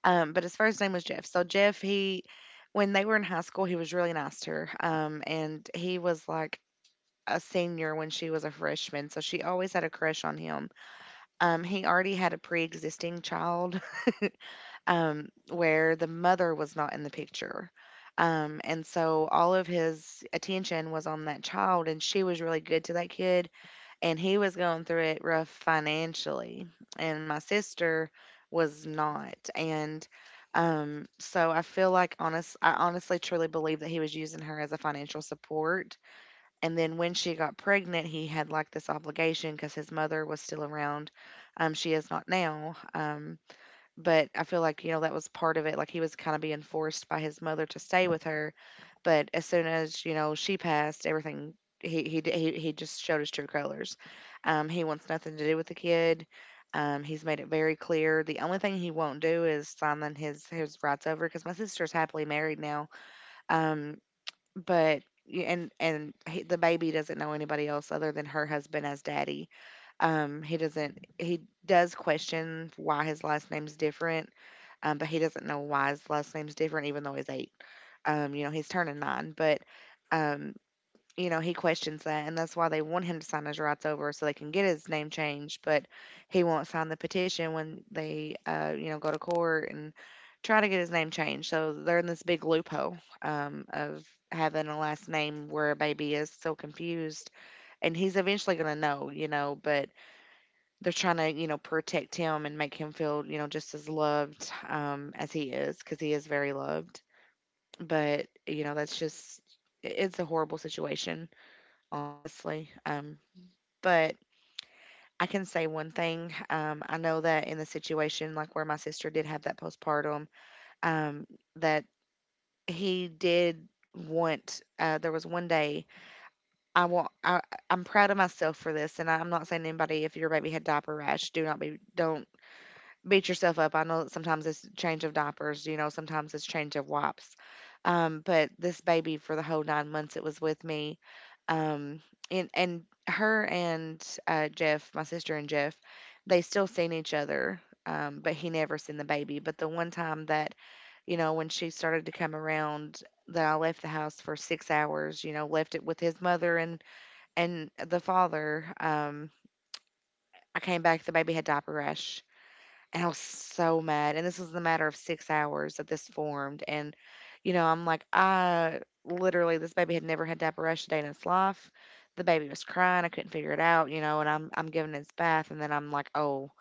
[SPEAKER 1] but his first name was Jeff. So Jeff, he when they were in high school, he was really nice to her. And he was like a senior when she was a freshman, so she always had a crush on him. He already had a pre-existing child, where the mother was not in the picture. And so all of his attention was on that child, and she was really good to that kid, and he was going through it rough financially, and my sister was not. And so I feel like I honestly truly believe that he was using her as a financial support, and then when she got pregnant, he had like this obligation because his mother was still around. She is not now. But I feel like that was part of it. Like he was kind of being forced by his mother to stay with her. But as soon as she passed, everything, he just showed his true colors. He wants nothing to do with the kid. He's made it very clear. The only thing he won't do is signing his rights over because my sister's happily married now. Um, but the baby doesn't know anybody else other than her husband as daddy. He doesn't. He does question why his last name's different, but he doesn't know why his last name's different, even though he's 8. He's turning 9, but um, he questions that, and that's why they want him to sign his rights over so they can get his name changed. But he won't sign the petition when they go to court and try to get his name changed. So they're in this big loophole of having a last name where a baby is so confused, and he's eventually going to know. But they're trying to protect him and make him feel just as loved as he is because he is very loved. But you know, that's just it's a horrible situation, honestly. But I can say one thing. I know that in the situation, like where my sister did have that postpartum, um, that he did want. There was one day I want. I'm proud of myself for this, and I'm not saying anybody. If your baby had diaper rash, do not be. Don't beat yourself up. I know sometimes it's change of diapers, sometimes it's change of wipes. But this baby for the whole 9 months it was with me. Um, and and and my sister and Jeff, they still seen each other. But he never seen the baby. But the one time that when she started to come around, that I left the house for 6 hours, left it with his mother and the father. I came back, the baby had diaper rash, and I was so mad. And this was the matter of 6 hours that this formed. And I'm like, I literally, this baby had never had diaperesia a day in its life. The baby was crying. I couldn't figure it out, and I'm giving it its bath. And then I'm like, oh,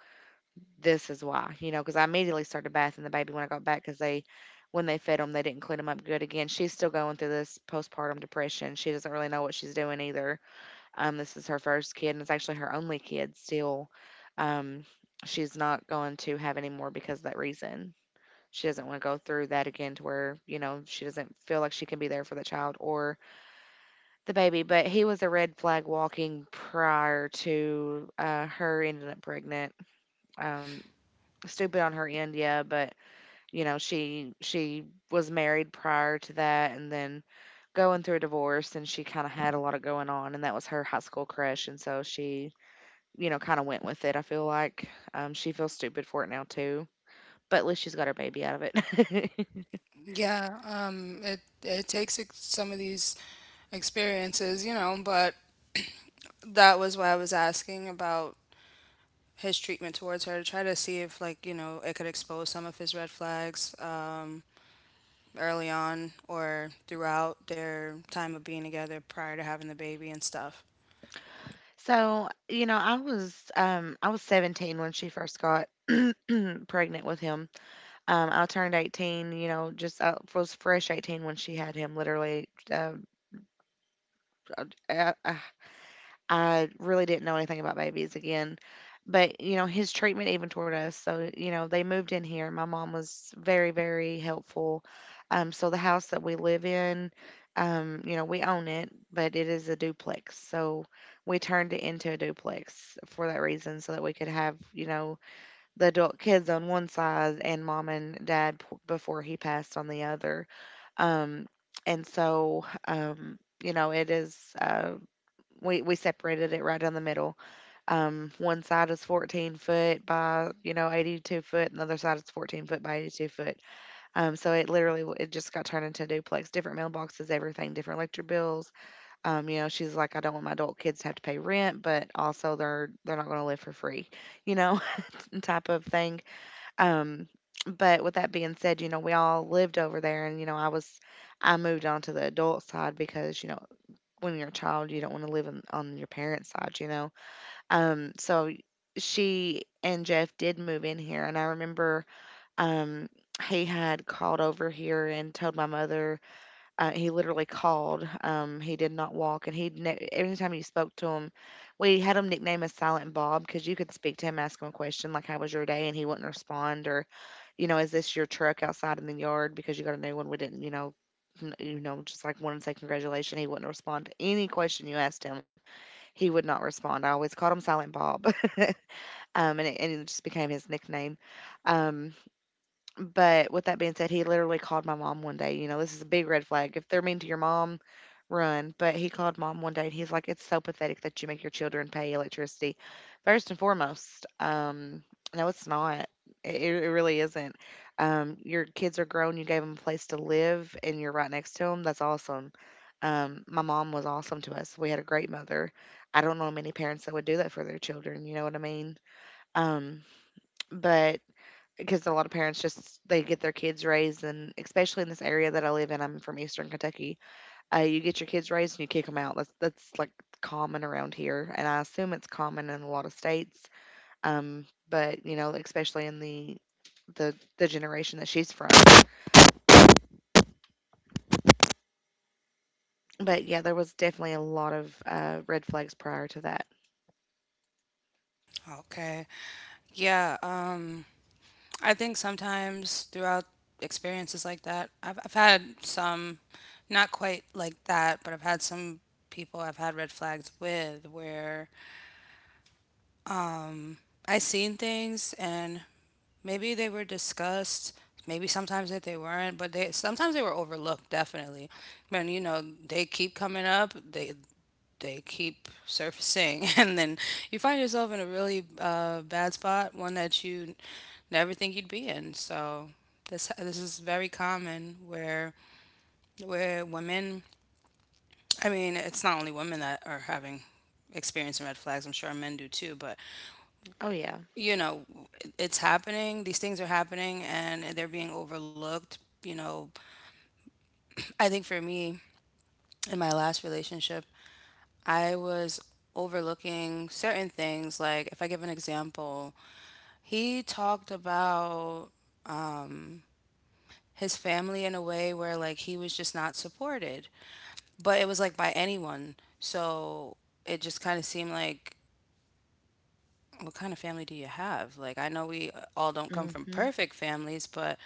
[SPEAKER 1] this is why, because I immediately started bathing the baby when I got back because they, when they fed him, they didn't clean him up good again. She's still going through this postpartum depression. She doesn't really know what she's doing either. This is her first kid, and it's actually her only kid still. Um, she's not going to have any more because of that reason. She doesn't want to go through that again to where, she doesn't feel like she can be there for the child or the baby. But he was a red flag walking prior to her ending up pregnant. Um, Stupid on her end, yeah, but she was married prior to that and then going through a divorce, and she kind of had a lot of going on, and that was her high school crush, and so she kinda went with it, I feel like. She feels stupid for it now too, but at least she's got her baby out of it.
[SPEAKER 2] Yeah, it takes some of these experiences, you know. But that was why I was asking about his treatment towards her to try to see if, like, you know, it could expose some of his red flags, early on or throughout their time of being together prior to having the baby and stuff.
[SPEAKER 1] So I was 17 when she first got pregnant with him. I turned 18, just I was fresh 18 when she had him, literally, a I really didn't know anything about babies again. But his treatment even toward us. So they moved in here. My mom was very, very helpful. So the house that we live in, we own it, but it is a duplex. So we turned it into a duplex for that reason, so that we could have, the adult kids on one side and mom and dad before he passed on the other. Um, and so, it is. We separated it right down the middle. One side is 14-foot by 82 foot, and the other side is 14-foot by 82 foot. So it literally it just got turned into a duplex, different mailboxes, everything, different electric bills. You know, she's like, I don't want my adult kids to have to pay rent, but also they're not going to live for free, you know, type of thing. Um, but with that being said, we all lived over there, and I moved on to the adult side because when you're a child, you don't want to live on your parents' side, you know? So she and Jeff did move in here. And I remember um, he had called over here and told my mother he literally called. He did not walk, and every time you spoke to him, we had him nicknamed as Silent Bob because you could speak to him, ask him a question like "How was your day?" and he wouldn't respond, or "Is this your truck outside in the yard?" because you got a new one. We didn't, just like wanted to say congratulations. He wouldn't respond to any question you asked him. He would not respond. I always called him Silent Bob, and it just became his nickname. Um, but with that being said, he literally called my mom one day. This is a big red flag. If they're mean to your mom, run. But he called mom one day and he's like, It's so pathetic that you make your children pay electricity. First and foremost, no, it's not. It really isn't. Your kids are grown. You gave them a place to live, and you're right next to them. That's awesome. My mom was awesome to us. We had a great mother. I don't know many parents that would do that for their children. You know what I mean? Um, but because a lot of parents just they get their kids raised, and especially in this area that I live in, I'm from Eastern Kentucky. You get your kids raised and you kick them out. That's like common around here, and I assume it's common in a lot of states. But especially in the generation that she's from. But yeah, there was definitely a lot of red flags prior to that.
[SPEAKER 2] Okay. Yeah. I think sometimes throughout experiences like that, I've had some, not quite like that, but I've had some people I've had red flags with where, um, I seen things, and maybe they were discussed. Maybe sometimes that they weren't, but they sometimes they were overlooked. Definitely, man, you know, they keep coming up. They keep surfacing, and then you find yourself in a really, bad spot, one that you never think you'd be in. So this is very common, where women. I mean, it's not only women that are having experience in red flags. I'm sure men do too, but,
[SPEAKER 1] Oh yeah.
[SPEAKER 2] you know, it's happening, these things are happening, and they're being overlooked. You know, I think for me, in my last relationship, I was overlooking certain things. Like, if I give an example, he talked about his family in a way where, like, he was just not supported, but it was, like, by anyone. So it just kind of seemed like, what kind of family do you have? Like, I know we all don't come from
[SPEAKER 1] Hmm.
[SPEAKER 2] perfect families, but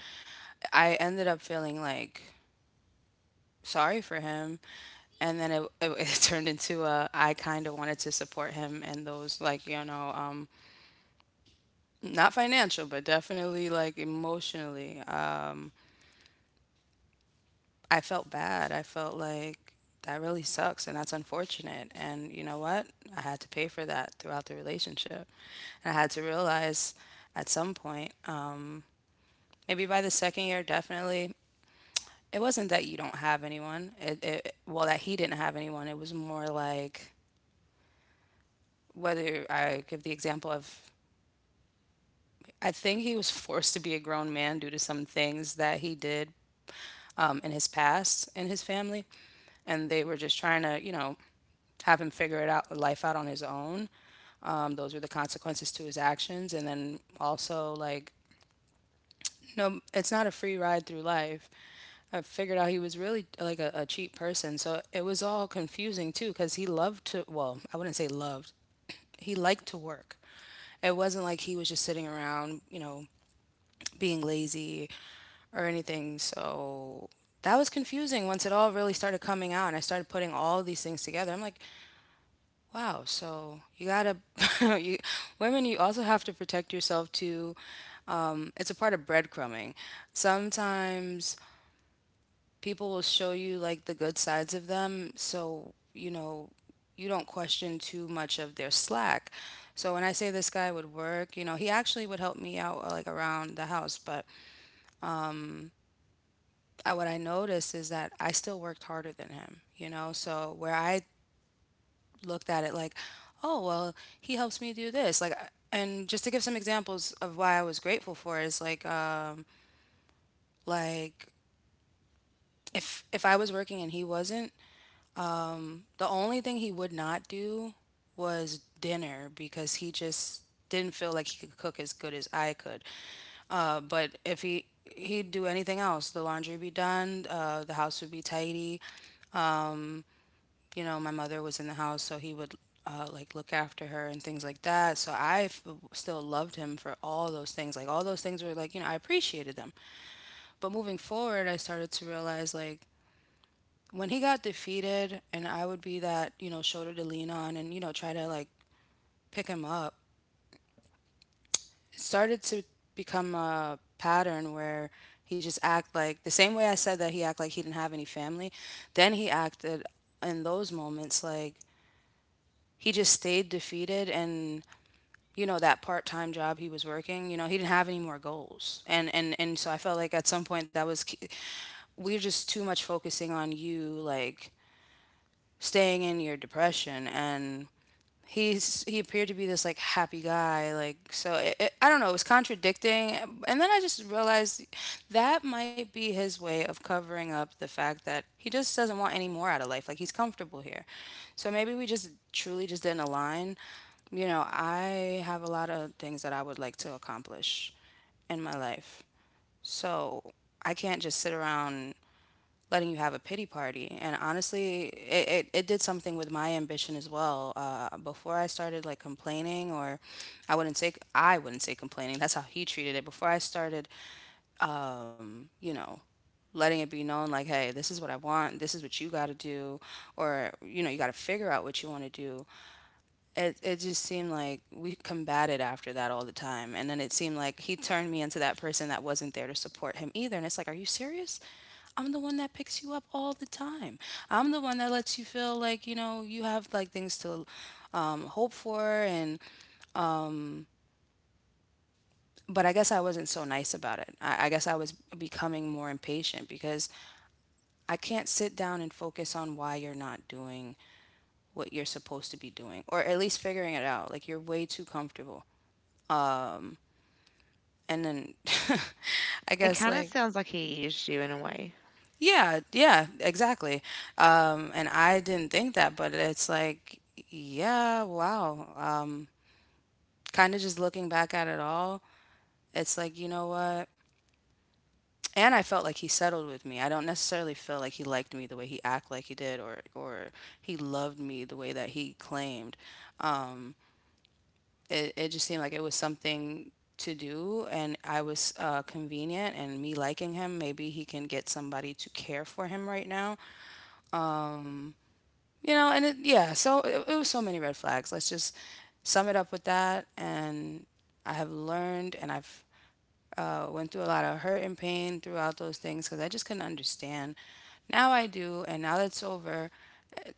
[SPEAKER 2] I ended up feeling, like, sorry for him. And then it turned into a, I kind of wanted to support him, and those, like, you know, not financial, but definitely like emotionally. I felt bad. I felt like that really sucks, and that's unfortunate. And you know what? I had to pay for that throughout the relationship. And I had to realize at some point, maybe by the second year, definitely, it wasn't that you don't have anyone. Well, that he didn't have anyone. It was more like, whether I give the example of, I think he was forced to be a grown man due to some things that he did, in his past, in his family. And they were just trying to, you know, have him figure it out, life out on his own. Those were the consequences to his actions. And then also, like, no, it's not a free ride through life. I figured out he was really like a cheap person. So it was all confusing too, because he loved to, well, I wouldn't say loved, he liked to work. It wasn't like he was just sitting around, being lazy or anything. So that was confusing once it all really started coming out and I started putting all these things together. I'm like, wow, so you gotta, you, women, you also have to protect yourself too. It's a part of breadcrumbing. Sometimes people will show you like the good sides of them so you know you don't question too much of their slack. So when I say this guy would work, you know, he actually would help me out, like around the house. But what I noticed is that I still worked harder than him, you know. So where I looked at it like, oh well, he helps me do this like and just to give some examples of why I was grateful for it is like, if I was working and he wasn't. The only thing he would not do was dinner, because he just didn't feel like he could cook as good as I could. But if he'd do anything else, the laundry would be done, the house would be tidy. You know, my mother was in the house, so he would, like look after her and things like that. So still loved him for all those things. Like, all those things were, like, you know, I appreciated them. But moving forward, I started to realize like when he got defeated and I would be that, you know, shoulder to lean on and, you know, try to like pick him up, it started to become a pattern where he just act like, the same way I said that he act like he didn't have any family. Then he acted in those moments like he just stayed defeated. And you know that part-time job he was working, you know, he didn't have any more goals. And so I felt like at some point that was we're just too much focusing on you like staying in your depression. And he appeared to be this like happy guy, like so I don't know, it was contradicting. And then I just realized that might be his way of covering up the fact that he just doesn't want any more out of life, like he's comfortable here. So maybe we just truly just didn't align. You know, I have a lot of things that I would like to accomplish in my life, so I can't just sit around letting you have a pity party. And honestly, it did something with my ambition as well. Before I started like complaining, or I wouldn't say complaining. That's how he treated it. Before I started, um, you know, letting it be known like, hey, this is what I want. This is what you got to do. Or, you know, you got to figure out what you want to do. It just seemed like we combated after that all the time, and then it seemed like he turned me into that person that wasn't there to support him either. And it's like, are you serious? I'm the one that picks you up all the time. I'm the one that lets you feel like, you know, you have like things to, hope for. And but I guess I wasn't so nice about it. I guess I was becoming more impatient, because I can't sit down and focus on why you're not doing what you're supposed to be doing, or at least figuring it out. Like, you're way too comfortable. And then I
[SPEAKER 1] It
[SPEAKER 2] guess
[SPEAKER 1] kind of
[SPEAKER 2] like,
[SPEAKER 1] sounds like he used you in a way,
[SPEAKER 2] yeah, yeah, exactly. And I didn't think that, but it's like, yeah, wow. Kind of just looking back at it all, it's like, you know what. And I felt like he settled with me. I don't necessarily feel like he liked me the way he acted like he did, or he loved me the way that he claimed. Um, it just seemed like it was something to do, and I was, convenient, and me liking him, maybe he can get somebody to care for him right now. Um, You know, and yeah, so it was so many red flags. Let's just sum it up with that. And I have learned, and I've, went through a lot of hurt and pain throughout those things, because I just couldn't understand. Now I do, and now that it's over,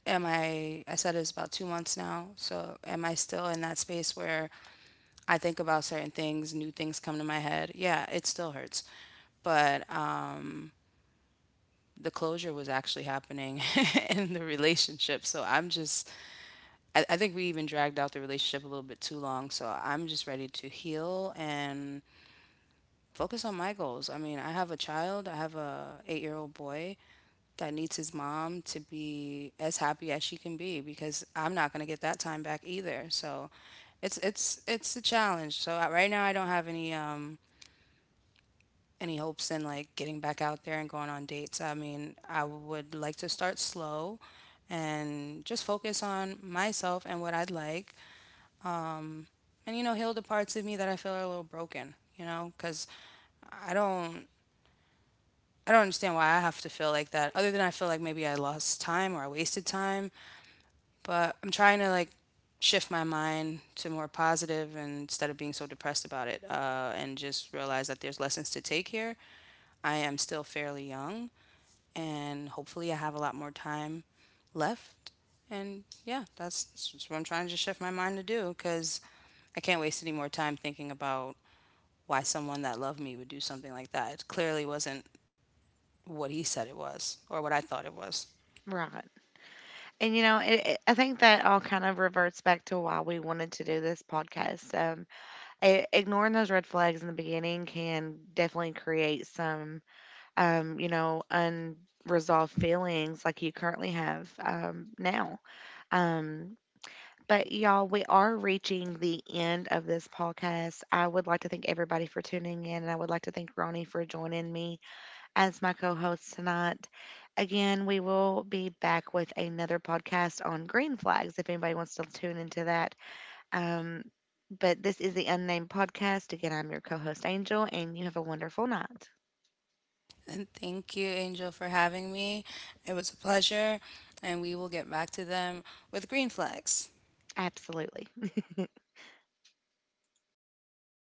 [SPEAKER 2] am I? I said it's about 2 months now. So am I still in that space where I think about certain things, new things come to my head? Yeah, it still hurts. But the closure was actually happening in the relationship. So I think we even dragged out the relationship a little bit too long. So I'm just ready to heal and focus on my goals. I mean, I have a child, I have a 8 year old boy that needs his mom to be as happy as she can be, because I'm not going to get that time back either. So it's it's a challenge. So right now I don't have any hopes in like getting back out there and going on dates. I mean, I would like to start slow and just focus on myself and what I'd like. Um, And you know, heal the parts of me that I feel are a little broken, you know, cuz I don't I don't understand why I have to feel like that, other than I feel like maybe I lost time or I wasted time. But I'm trying to like shift my mind to more positive, and instead of being so depressed about it, and just realize that there's lessons to take here. I am still fairly young, and hopefully I have a lot more time left. And yeah, that's what I'm trying to just shift my mind to do, because I can't waste any more time thinking about why someone that loved me would do something like that. It clearly wasn't what he said it was or what I thought it was.
[SPEAKER 1] right? And I think that all kind of reverts back to why we wanted to do this podcast. I ignoring those red flags in the beginning can definitely create some unresolved feelings like you currently have now. Um, but y'all, we are reaching the end of this podcast. I would like to thank everybody for tuning in, and I would like to thank Ronnie for joining me as my co host tonight. Again, we will be back with another podcast on green flags if anybody wants to tune into that. Um, but this is the Unnamed Podcast. Again, I'm your co host, Angel, and you have a wonderful night.
[SPEAKER 2] And thank you, Angel, for having me. It was a pleasure, and we will get back to them with green flags.
[SPEAKER 1] Absolutely.